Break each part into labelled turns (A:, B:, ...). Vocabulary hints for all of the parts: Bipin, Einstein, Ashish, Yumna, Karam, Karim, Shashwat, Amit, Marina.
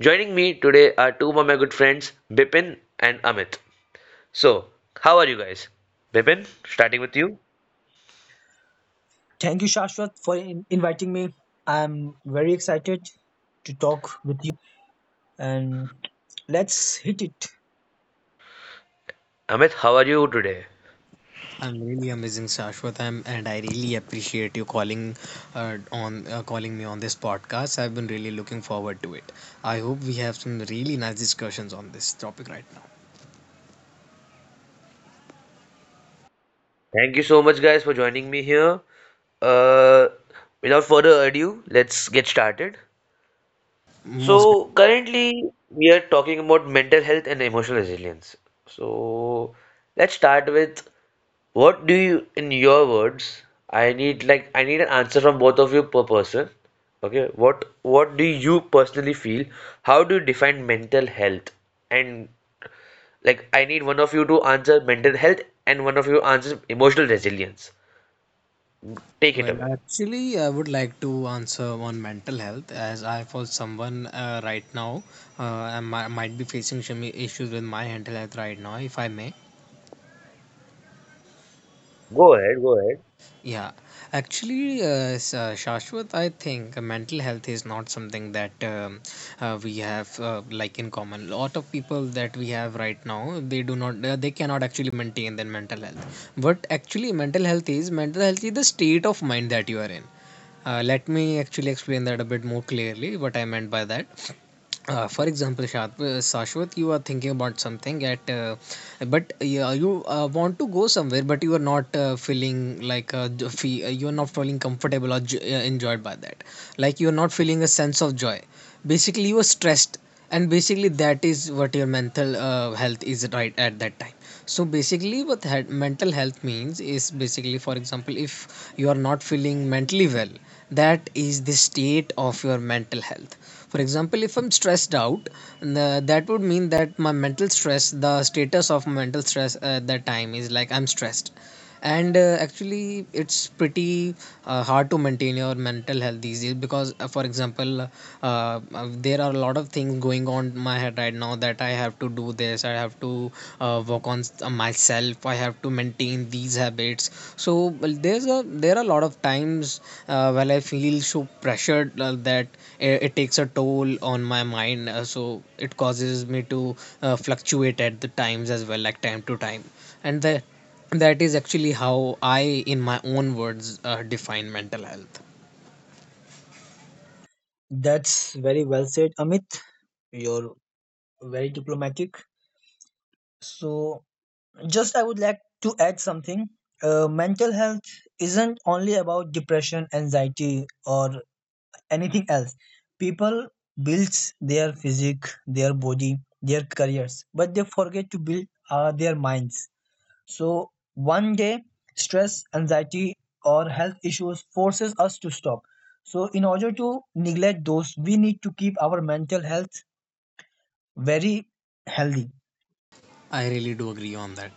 A: Joining me today are two of my good friends, Bipin and Amit. So, how are you guys? Bipin, starting with you.
B: Thank you, Shashwat, for inviting me. I'm very excited to talk with you, and let's hit it.
A: Amit, how are you today?
C: I'm really amazing, Shashwat. And I really appreciate you calling me on this podcast. I've been really looking forward to it. I hope we have some really nice discussions on this topic right now.
A: Thank you so much, guys, for joining me here. Uh, without further ado, let's get started.
C: Most definitely.
A: So currently we are talking about mental health and emotional resilience. So let's start with what do you, in your words, I need an answer from both of you per person. Okay, what do you personally feel? How do you define mental health? And like I need one of you to answer mental health and one of you answers emotional resilience. Take it
C: Well,
A: away.
C: actually, I would like to answer on mental health as I, for someone, right now, uh, I might be facing some issues with my mental health right now, if I may.
A: Go ahead.
C: Yeah, actually, Shashwat, I think mental health is not something that we have like in common. Lot of people that we have right now, they do not, they cannot actually maintain their mental health. But actually, mental health is the state of mind that you are in. Let me actually explain that a bit more clearly, what I meant by that. For example, Shashwat, you are thinking about something but yeah, you want to go somewhere, but you are not feeling like you are not feeling comfortable or enjoyed by that. Like you are not feeling a sense of joy. Basically, you are stressed, and basically that is what your mental health is right at that time. So basically, what had mental health means is basically, for example, if you are not feeling mentally well, that is the state of your mental health. For example, if I'm stressed out, that would mean that my mental stress, the status of mental stress at that time is like I'm stressed. And actually it's pretty hard to maintain your mental health these days because for example, uh, there are a lot of things going on in my head right now that I have to do this, I have to work on myself, I have to maintain these habits. So well, there are a lot of times when I feel so pressured that it takes a toll on my mind, so it causes me to fluctuate at the times as well, like time to time. And the that is actually how I, in my own words, define mental health.
B: That's very well said, Amit. You're very diplomatic. So, just I would like to add something. Mental health isn't only about depression, anxiety, or anything else. People builds their physique, their body, their careers, but they forget to build their minds. So one day, stress, anxiety, or health issues forces us to stop. So in order to neglect those, we need to keep our mental health very healthy.
C: I really do agree on that.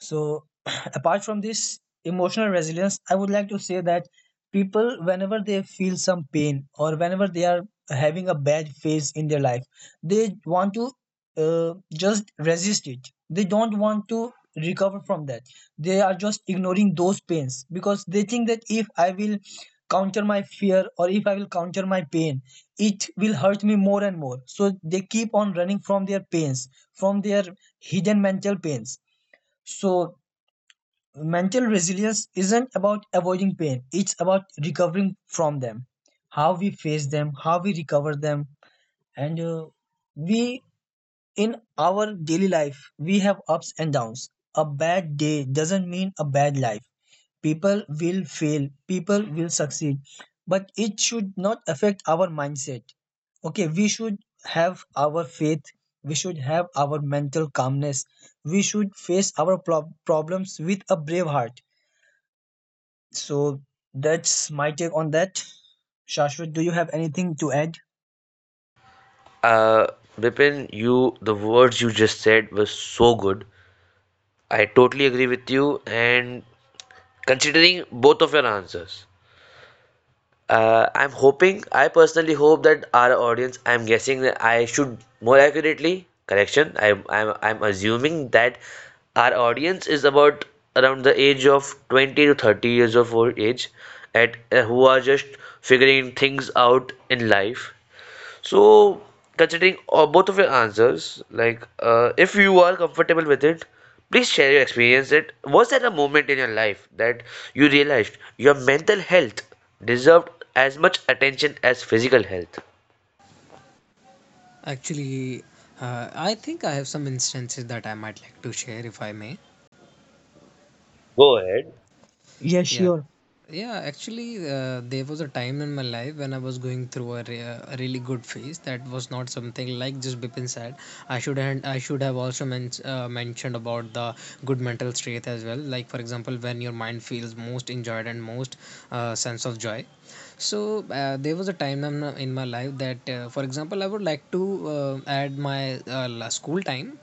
B: So, apart from this emotional resilience, I would like to say that people, whenever they feel some pain or whenever they are having a bad phase in their life, they want to just resist it. They don't want to recover from that. They are just ignoring those pains because they think that if I will counter my fear or if I will counter my pain, it will hurt me more and more. So, they keep on running from their pains, from their hidden mental pains. So, mental resilience isn't about avoiding pain, it's about recovering from them. How we face them, how we recover them. And we, in our daily life, we have ups and downs. A bad day doesn't mean a bad life. People will fail, people will succeed, but it should not affect our mindset. Okay, we should have our faith, we should have our mental calmness, we should face our problems with a brave heart. So that's my take on that. Shashwat, do you have anything to add?
A: Uh, Vipin, you the words you just said were so good. I totally agree with you, and considering both of your answers, I'm hoping, I personally hope that our audience, I'm guessing that I should more accurately, correction, I'm assuming that our audience is about around the age of 20 to 30 years of old age, at who are just figuring things out in life. So, considering both of your answers, like if you are comfortable with it, please share your experience. That was there a moment in your life that you realized your mental health deserved as much attention as physical health?
C: Actually, I think I have some instances that I might like to share if I may.
A: Go ahead.
B: Yes,
C: Yeah.
B: sure.
C: Yeah, actually, there was a time in my life when I was going through a really good phase. That was not something, like just Bipin said. I should, have also mentioned about the good mental state as well. Like for example, when your mind feels most enjoyed and most sense of joy. So there was a time in my life that, for example, I would like to add my school time,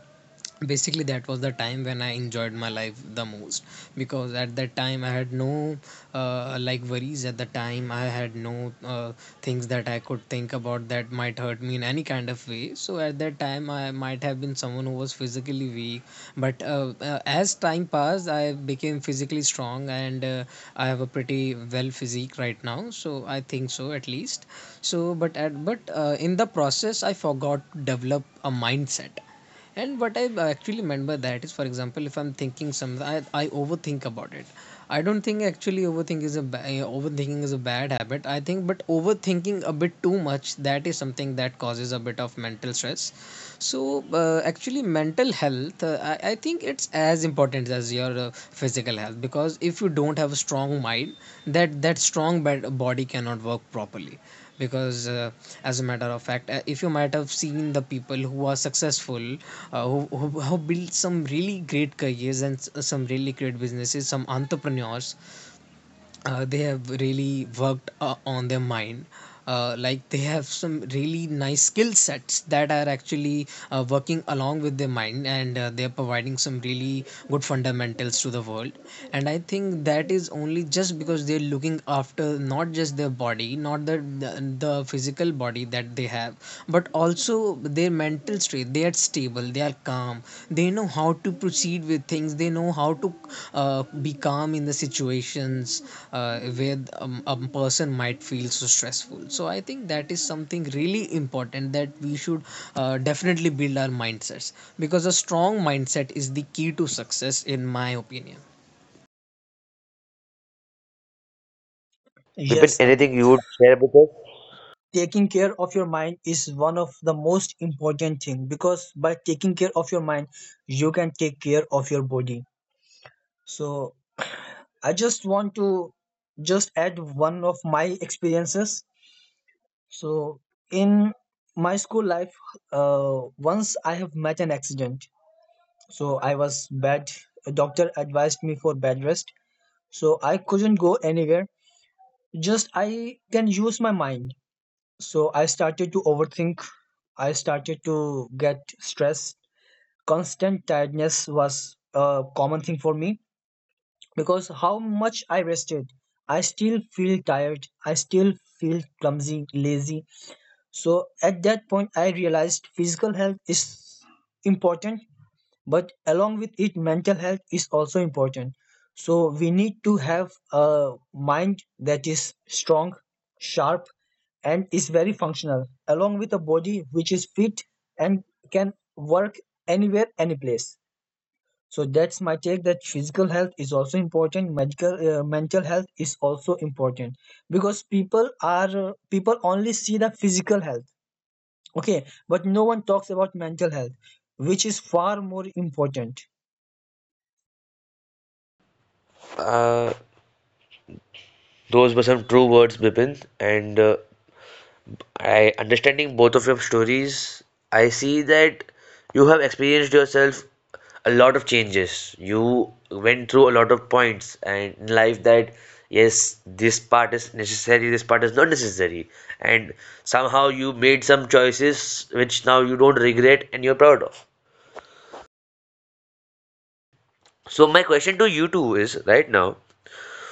C: basically. That was the time when I enjoyed my life the most, because at that time I had no like worries at the time, I had no things that I could think about that might hurt me in any kind of way. So at that time I might have been someone who was physically weak, but as time passed I became physically strong, and I have a pretty well physique right now, so I think so, at least. So but at but in the process I forgot to develop a mindset. And what I actually meant by that is, for example, if I'm thinking something, I overthink about it. I don't think actually overthinking is a bad habit, I think, but overthinking a bit too much, that is something that causes a bit of mental stress. So actually, mental health, I think it's as important as your physical health, because if you don't have a strong mind, that strong body cannot work properly, because as a matter of fact, if you might have seen the people who are successful, who built some really great careers and some really great businesses, some entrepreneurs, they have really worked on their mind, like they have some really nice skill sets that are actually working along with their mind, and they are providing some really good fundamentals to the world. And I think that is only just because they're looking after not just their body, not the physical body that they have, but also their mental state. They are stable, they are calm, they know how to proceed with things, they know how to be calm in the situations where a person might feel so stressful. So I think that is something really important, that we should definitely build our mindsets, because a strong mindset is the key to success, in my opinion.
A: Bipin,
B: Yes,
A: anything
B: Amit.
A: you would share with us?
B: Taking care of your mind is one of the most important thing, because by taking care of your mind, you can take care of your body. So I just want to just add one of my experiences. So in my school life, once I have met an accident. So I was bad. A doctor advised me for bed rest, so I couldn't go anywhere. Just I can use my mind. So I started to overthink. I started to get stressed. Constant tiredness was a common thing for me, because how much I rested, I still feel tired. I still feel clumsy, lazy. So at that point, I realized physical health is important, but along with it, mental health is also important. So we need to have a mind that is strong, sharp, and is very functional, along with a body which is fit and can work anywhere, any place. So that's my take, that physical health is also important, medical mental health is also important, because people only see the physical health, okay, but no one talks about mental health, which is far more important.
A: Uh, those were some true words, Bipin, and I understanding both of your stories, I see that you have experienced yourself a lot of changes. You went through a lot of points and in life that yes, this part is necessary, this part is not necessary. And somehow you made some choices which now you don't regret and you're proud of. So my question to you two is right now,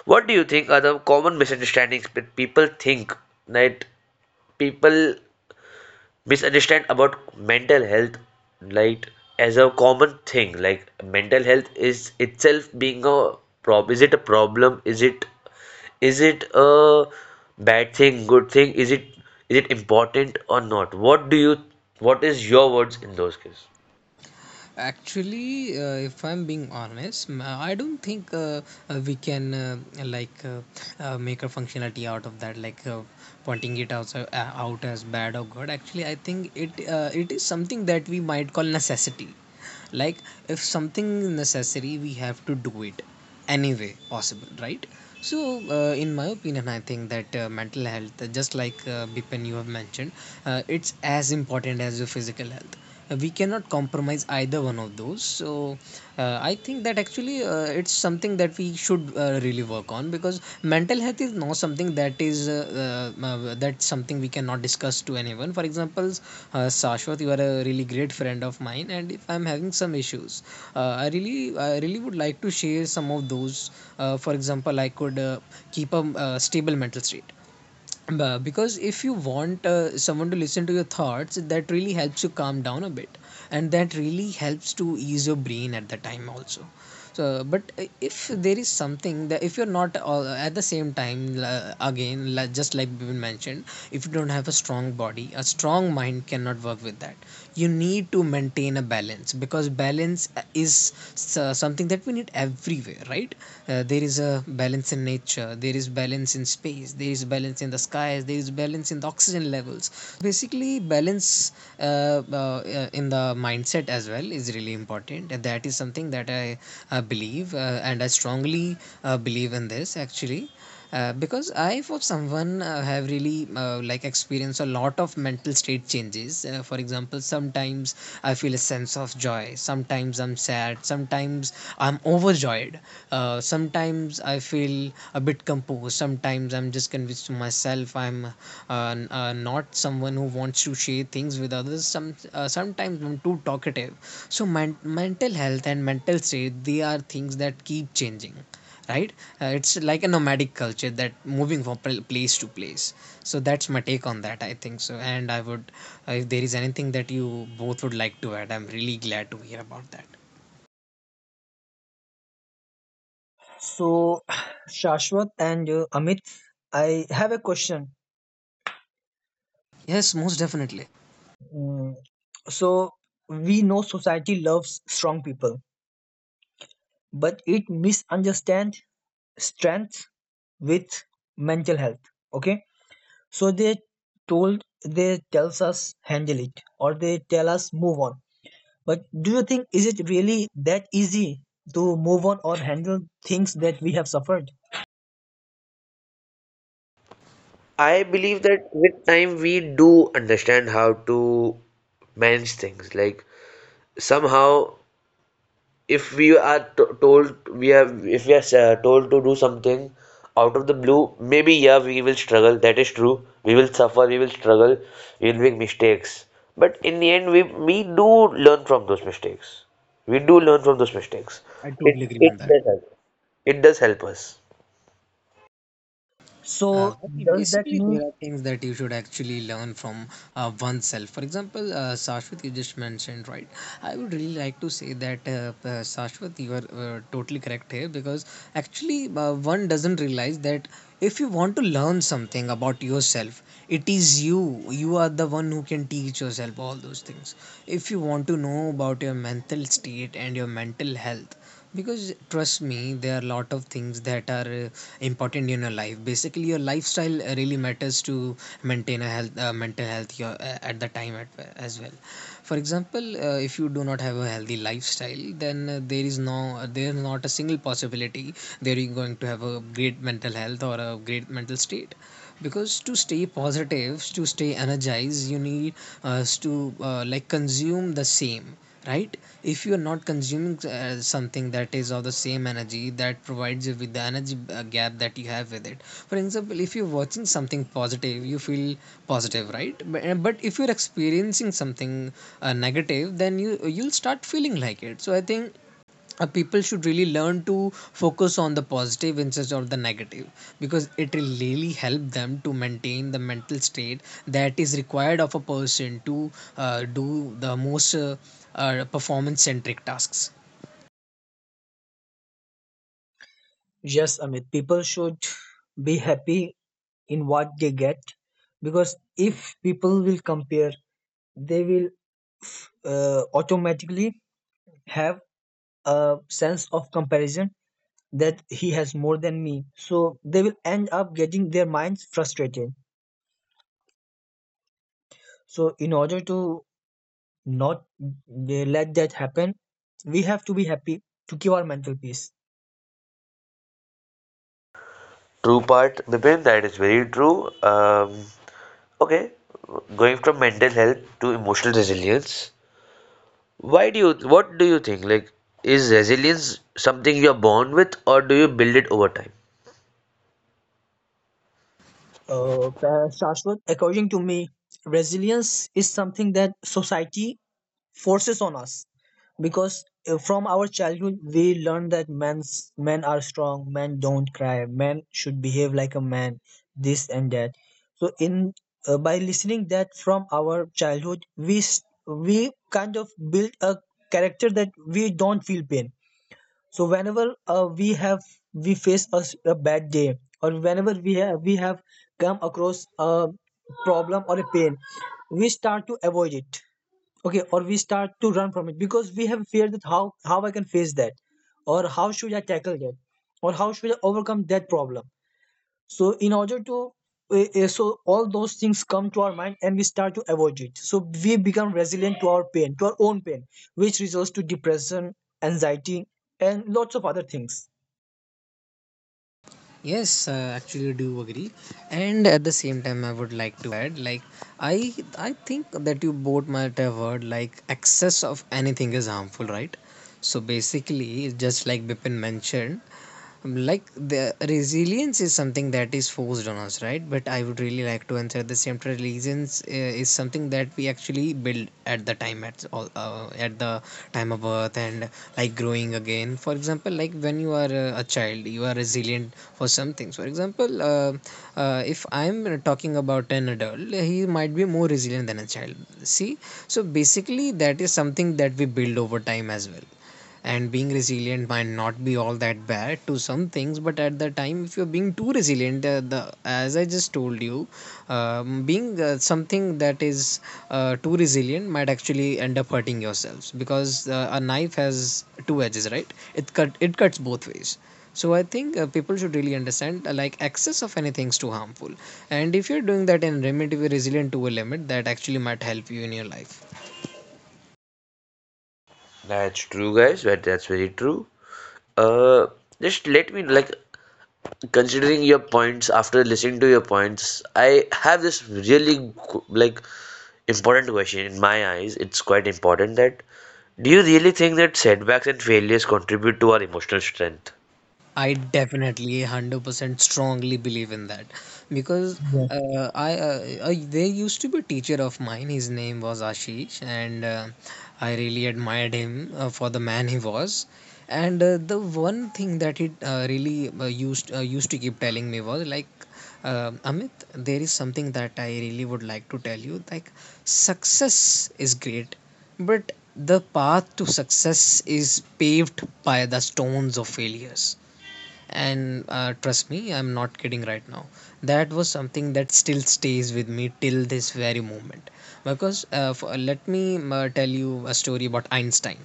A: what do you think are the common misunderstandings that people think that people misunderstand about mental health, like as a common thing, like mental health is itself being a prob, is it a problem, is it, is it a bad thing, good thing, is it, is it important or not, what do you, what is your words in those cases?
C: Actually, if I'm being honest, I don't think we can like make a functionality out of that, like pointing it out as bad or good. Actually, I think it is something that we might call necessity. Like if something necessary, we have to do it any way possible, right? So in my opinion I think that mental health, just like Bipen you have mentioned, it's as important as your physical health. We cannot compromise either one of those. So I think that actually it's something that we should really work on, because mental health is not something that is that's something we cannot discuss to anyone. For example, Sashwat, you are a really great friend of mine, and if I'm having some issues, I really would like to share some of those. For example, I could keep a stable mental state, but because if you want someone to listen to your thoughts, that really helps you calm down a bit, and that really helps to ease your brain at the time also. So, but if there is something that if you're not at the same time again, just like we mentioned, if you don't have a strong body, a strong mind cannot work with that. You need to maintain a balance, because balance is something that we need everywhere, right? There is a balance in nature, there is balance in space, there is balance in the skies, there is balance in the oxygen levels. So basically balance in the mindset as well is really important, and that is something that I believe, and I strongly believe in this. Actually, because I, for someone, have really like experienced a lot of mental state changes. For example, sometimes I feel a sense of joy, sometimes I'm sad, sometimes I'm overjoyed, sometimes I feel a bit composed, sometimes I'm just convinced to myself, I'm not someone who wants to share things with others, sometimes I'm too talkative. So mental health and mental state, they are things that keep changing, right? It's like a nomadic culture, that moving from place to place. So that's my take on that. I think so, and I would, if there is anything that you both would like to add, I'm really glad to hear about that.
B: So, Shashwat and Amit, I have a question.
C: Yes, most definitely.
B: Mm, So, we know society loves strong people, but it misunderstands strength with mental health. Okay, so they tells us handle it, or they tell us move on. But do you think, is it really that easy to move on or handle things that we have suffered?
A: I believe that with time we do understand how to manage things. Like somehow if we are t- told we are if we are told to do something out of the blue, maybe yeah we will struggle, that is true, we will suffer, we will struggle, we will make mistakes, but in the end we do learn from those mistakes, we do learn from those mistakes,
C: I
A: it
C: totally agree
A: it
C: on that.
A: does help, it does help us.
C: Uh,
B: So,
C: well,
B: does that
C: basically,
B: mean,
C: there are things that you should actually learn from oneself. For example, Sashwat, you just mentioned, right? I would really like to say that, Sashwat, you are totally correct here, because actually, one doesn't realize that if you want to learn something about yourself, it is you. You are the one who can teach yourself all those things. If you want to know about your mental state and your mental health, because trust me, there are a lot of things that are important in your life. Basically, your lifestyle really matters to maintain mental health, your, at the time as well. For example, if you do not have a healthy lifestyle, then there is no, there is not a single possibility that you're going to have a great mental health or a great mental state. Because to stay positive, to stay energized, you need us to like consume the same, right? If you're not consuming something that is of the same energy that provides you with the energy gap that you have with it. For example, if you're watching something positive, you feel positive, right? But if you're experiencing something negative, then you'll start feeling like it. So I think people should really learn to focus on the positive instead of the negative, because it will really help them to maintain the mental state that is required of a person to do the most performance centric tasks.
B: yes, Amit? People should be happy in what they get, because if people will compare, they will automatically have a sense of comparison that he has more than me. So they will end up getting their minds frustrated. So in order to not let that happen, we have to be happy to keep our mental peace.
A: True part, Bipin, that is very true. Okay, going from mental health to emotional resilience, why do you, what do you think? Like, is resilience something you're born with or do you build it over time?
B: Shashwat, according to me, resilience is something that society forces on us, because from our childhood we learn that men are strong, men don't cry, men should behave like a man, this and that. So in by listening that from our childhood, we kind of build a character that we don't feel pain. So whenever we face a bad day, or whenever we have come across a problem or a pain, we start to avoid it, okay, or we start to run from it, because we have feared that how I can face that, or how should I tackle that, or how should I overcome that problem. So in order to so all those things come to our mind, and we start to avoid it. So we become resilient to our pain, to our own pain, which results to depression, anxiety, and lots of other things.
C: Yes, actually I do agree, and at the same time I would like to add, like, I think that you both might have heard, like, excess of anything is harmful, right? So basically, just like Bipin mentioned, like, the resilience is something that is forced on us, right? But I would really like to answer the same. Resilience is something that we actually build at the time at all at the time of birth and like growing again. For example, like when you are a child, you are resilient for some things. For example, if I'm talking about an adult, he might be more resilient than a child. See, so basically that is something that we build over time as well, and being resilient might not be all that bad to some things. But at the time, if you're being too resilient, the as I just told you, being something that is too resilient might actually end up hurting yourselves, because a knife has two edges, right? It cuts both ways. So I think people should really understand like excess of anything is too harmful, and if you're doing that in a relatively resilient to a limit, that actually might help you in your life.
A: That's true, guys. That's very true. Uh, just let me, like, considering your points, after listening to your points, I have this really, like, important question in my eyes. It's quite important that do you really think that setbacks and failures contribute to our emotional strength?
C: I definitely 100% strongly believe in that, because
B: Yes.
C: I there used to be a teacher of mine. His name was Ashish, and I really admired him for the man he was, and the one thing that he really used used to keep telling me was like, Amit, there is something that I really would like to tell you, like, success is great, but the path to success is paved by the stones of failures. And trust me, I'm not kidding right now. That was something that still stays with me till this very moment, because let me tell you a story about Einstein.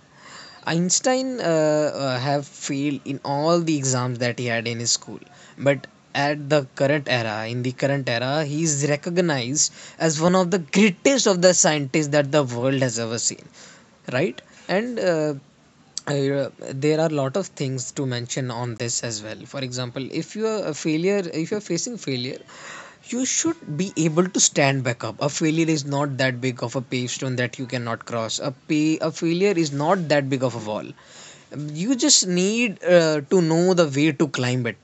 C: Einstein have failed in all the exams that he had in his school, but at the current era, in the current era, he is recognized as one of the greatest of the scientists that the world has ever seen, right? And there are a lot of things to mention on this as well. For example, if you are a failure, if you're facing failure, you should be able to stand back up. A failure is not that big of a pavestone that you cannot cross. A failure is not that big of a wall. You just need to know the way to climb it,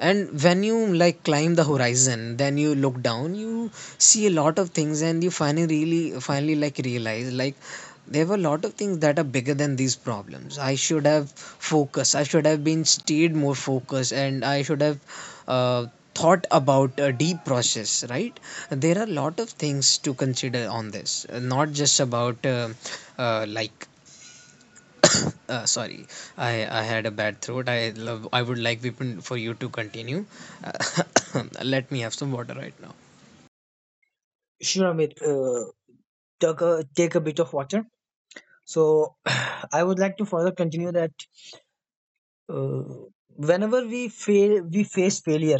C: and when you like climb the horizon, then you look down, you see a lot of things, and you finally really finally like realize, like, there were a lot of things that are bigger than these problems. I should have focused, I should have been stayed more focused, and I should have uh, thought about a deep process, right? There are a lot of things to consider on this, not just about uh, like sorry, I had a bad throat. I would like Vipin for you to continue. Let me have some water right now.
B: Sure, Amit. Take a bit of water. So I would like to further continue that uh, whenever we fail, we face failure.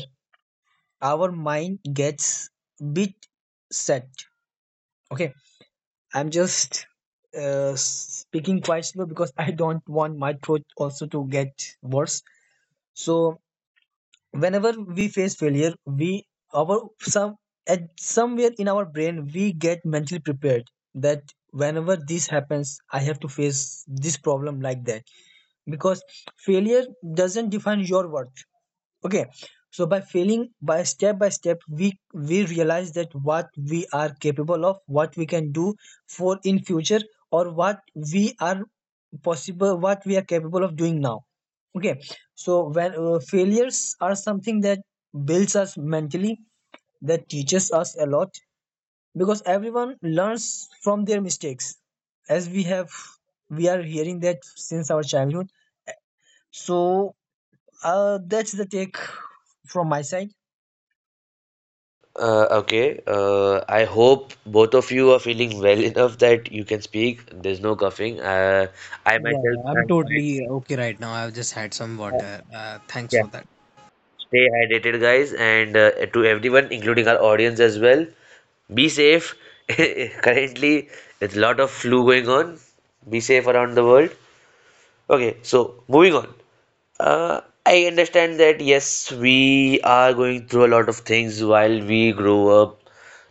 B: Our mind gets bit set. Okay, I'm just speaking quite slow because I don't want my throat also to get worse. So whenever we face failure, we, our some, at somewhere in our brain, we get mentally prepared that whenever this happens, I have to face this problem, like that. Because failure doesn't define your worth. Okay, so by failing, by step by step, we realize that what we are capable of, what we can do for in future, or what we are possible, what we are capable of doing now. Okay, so when failures are something that builds us mentally, that teaches us a lot, because everyone learns from their mistakes, as we are hearing that since our childhood. So that's the take from my side.
A: Okay. I hope both of you are feeling well enough that you can speak. There's no coughing. I
C: Yeah, yeah,
A: myself
C: I'm
A: am quite.
C: totally okay right now. I've just had some
A: Uh,
C: water. Thanks
A: yeah.
C: for that.
A: Stay hydrated, guys, and to everyone, including our audience as well. Be safe. Currently, there's a lot of flu going on. Be safe around the world. Okay, so moving on. Uh, I understand that yes, we are going through a lot of things while we grow up,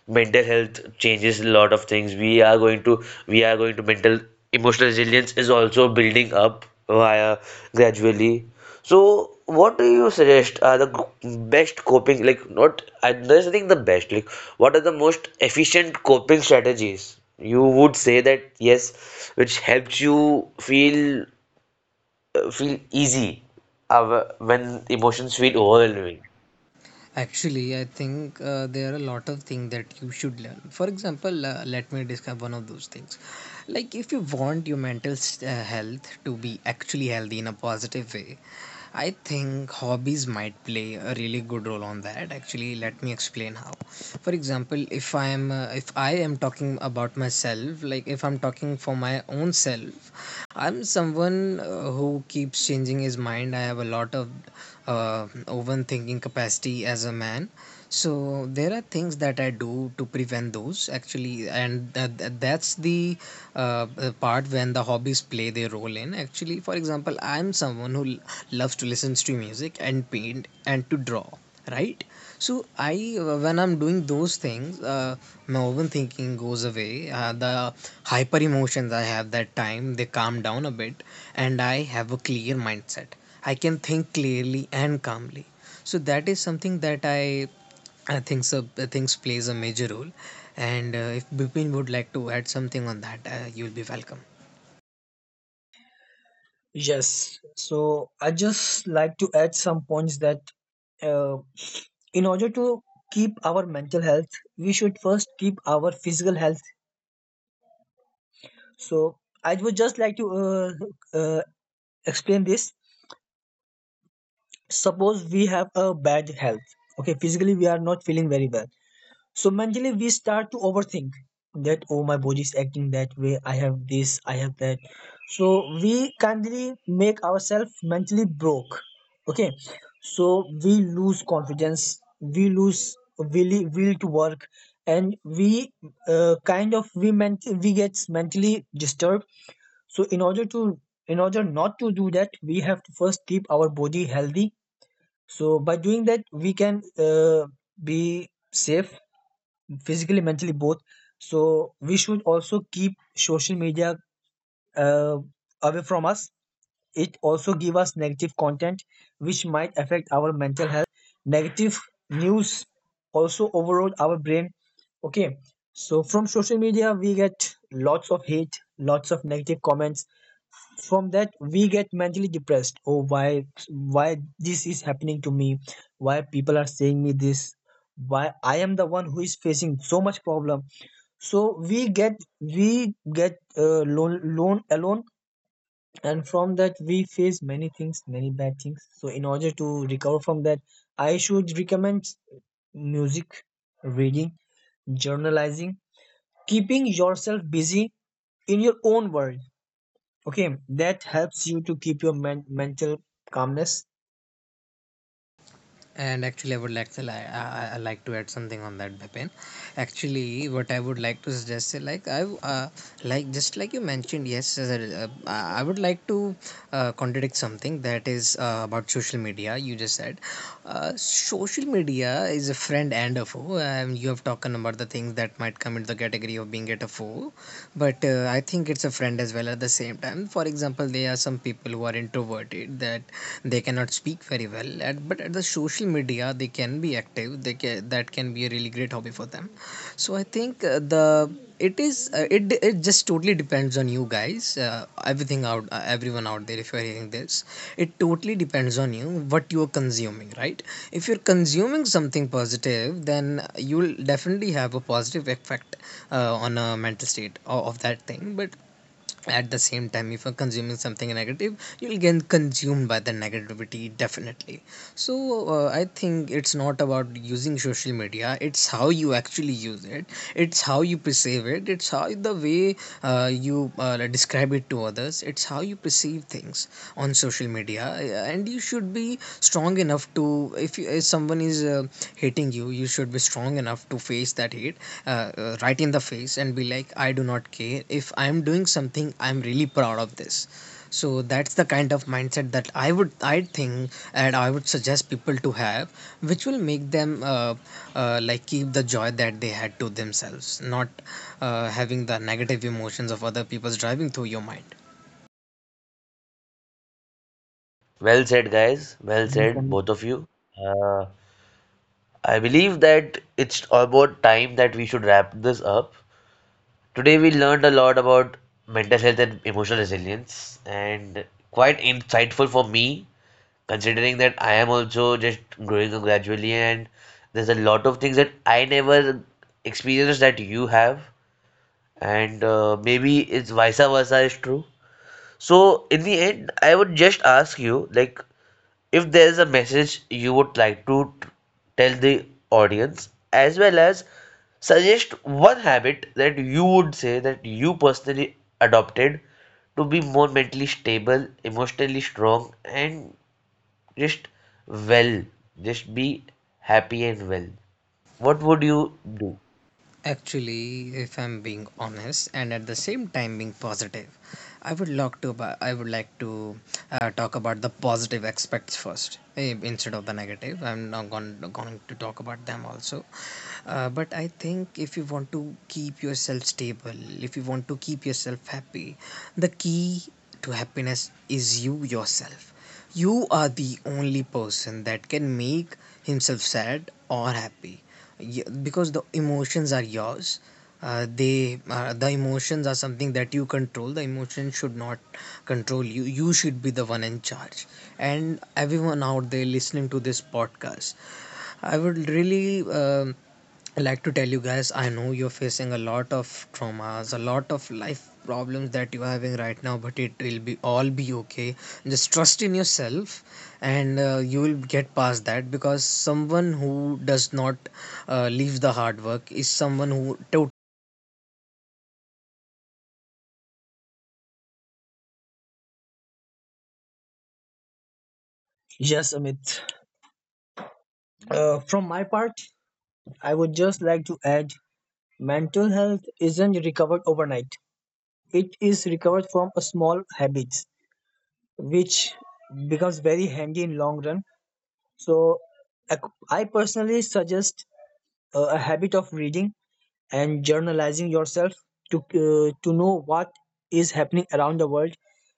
A: mental health changes a lot of things, we are going to mental emotional resilience is also building up via gradually, so what do you suggest are the best coping, like not I, there's nothing the best, like what are the most efficient coping strategies you would say that yes which helps you feel feel easy when emotions feel overwhelming?
C: Actually, I think there are a lot of things that you should learn. For example, let me discuss one of those things. Like, if you want your mental health to be actually healthy in a positive way, I think hobbies might play a really good role on that. Actually, let me explain how. For example, if I am talking about myself, like if I'm talking for my own self, I'm someone who keeps changing his mind. I have a lot of uh, overthinking capacity as a man, so there are things that I do to prevent those actually, and that's the part when the hobbies play their role in. Actually, for example, I'm someone who loves to listen to music and paint and to draw, right? So I, when I'm doing those things, my overthinking goes away. The hyper emotions I have that time, they calm down a bit, and I have a clear mindset. I can think clearly and calmly, so that is something that I think so. I think plays a major role, and if Bipin would like to add something on that, you'll be welcome.
B: Yes. So I just like to add some points, that uh, in order to keep our mental health, we should first keep our physical health. So I would just like to uh, explain this. Suppose we have a bad health. Okay, physically we are not feeling very well. So mentally, we start to overthink that, oh, my body is acting that way. I have this, I have that. So we kindly make ourselves mentally broke. Okay. So we lose confidence, we lose will to work, and we kind of, we get mentally disturbed. So in order not to do that, we have to first keep our body healthy. So by doing that, we can be safe physically, mentally, both. So we should also keep social media uh, away from us. It also give us negative content, which might affect our mental health. Negative news also overload our brain. Okay, so from social media we get lots of hate, lots of negative comments. From that we get mentally depressed. Oh, why this is happening to me? Why people are saying me this? Why I am the one who is facing so much problem? So we get lone, lone alone, and from that we face many things, many bad things. So in order to recover from that, I should recommend music, reading, journalizing, keeping yourself busy in your own world. Okay, that helps you to keep your mental calmness.
C: And actually, I would like to I like to add something on that, Bipin. Actually, what I would like to suggest is like I like just like you mentioned, yes, I would like to contradict something that is about social media. You just said social media is a friend and a foe. You have talked about the things that might come into the category of being at a foe, but I think it's a friend as well at the same time. For example, there are some people who are introverted, that they cannot speak very well at, but at the social media they can be active, they can, that can be a really great hobby for them. So I think the it is it d- it just totally depends on you guys, everything out everyone out there, if you're hearing this, it totally depends on you what you're consuming, right? If you're consuming something positive, then you'll definitely have a positive effect on a mental state of that thing. But at the same time, if you're consuming something negative, you'll get consumed by the negativity definitely. So I think it's not about using social media, it's how you actually use it, it's how you perceive it, it's how the way you describe it to others, it's how you perceive things on social media, and you should be strong enough to, if, you, if someone is hating you, you should be strong enough to face that hate right in the face, and be like, I do not care, if I am doing something, I'm really proud of this. So that's the kind of mindset that I think, and I would suggest people to have, which will make them like keep the joy that they had to themselves, not having the negative emotions of other people's driving through your mind.
A: Well said guys, well
B: Yes,
A: said
B: Amit.
A: both of you. Uh, I believe that it's about time that we should wrap this up. Today we learned a lot about mental health and emotional resilience, and quite insightful for me, considering that I am also just growing up gradually, and there's a lot of things that I never experienced that you have, and maybe it's vice versa is true. So in the end, I would just ask you, like, if there is a message you would like to tell the audience, as well as suggest one habit that you would say that you personally adopted to be more mentally stable, emotionally strong, and just well, just be happy and well. What would you do?
C: Actually, if I'm being honest, and at the same time being positive, I would like to I would like to talk about the positive aspects first, instead of the negative. I'm not going to talk about them also. But I think if you want to keep yourself stable, if you want to keep yourself happy, the key to happiness is you yourself. You are the only person that can make himself sad or happy, because the emotions are yours. The emotions are something that you control. The emotions should not control you. You should be the one in charge. And everyone out there listening to this podcast, I would really I like to tell you guys, I know you're facing a lot of traumas, a lot of life problems that you are having right now, but it will be all be okay. Just trust in yourself, and you will get past that, because someone who does not leave the hard work is someone who to-
B: Yes, Amit. From my part, I would just like to add, mental health isn't recovered overnight. It is recovered from a small habits, which becomes very handy in long run. So ac- i personally suggest a habit of reading and journalizing yourself to know what is happening around the world,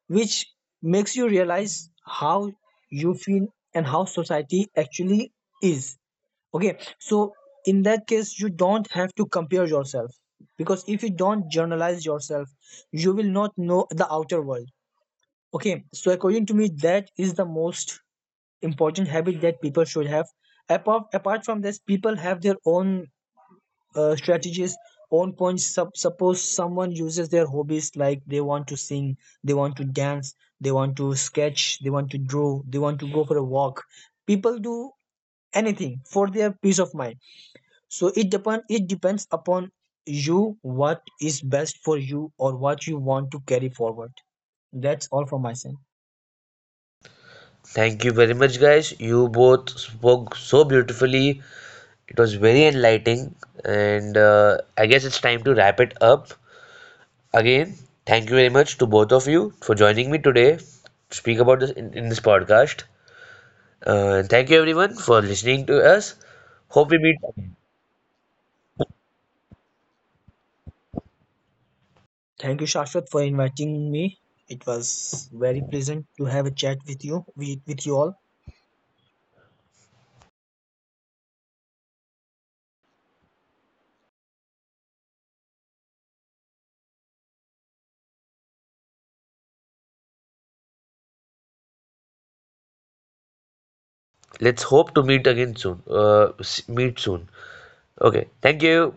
B: which makes you realize how you feel and how society actually is. Okay, so in that case, you don't have to compare yourself, because if you don't journalize yourself, you will not know the outer world. Okay, so according to me, that is the most important habit that people should have. Apart from this, people have their own strategies, own points. Suppose someone uses their hobbies, like they want to sing, they want to dance, they want to sketch, they want to draw, they want to go for a walk. People do anything for their peace of mind. So it depends upon you, what is best for you or what you want to carry forward. That's all from my side.
A: Thank you very much, guys. You both spoke so beautifully. It was very enlightening, and I guess it's time to wrap it up. Again, thank you very much to both of you for joining me today to speak about this in this podcast. Thank you everyone for listening to us. Hope we meet.
B: Thank you, Shashwat, for inviting me. It was very pleasant to have a chat with you all.
A: Let's hope to meet again soon. Meet soon. Okay. Thank you.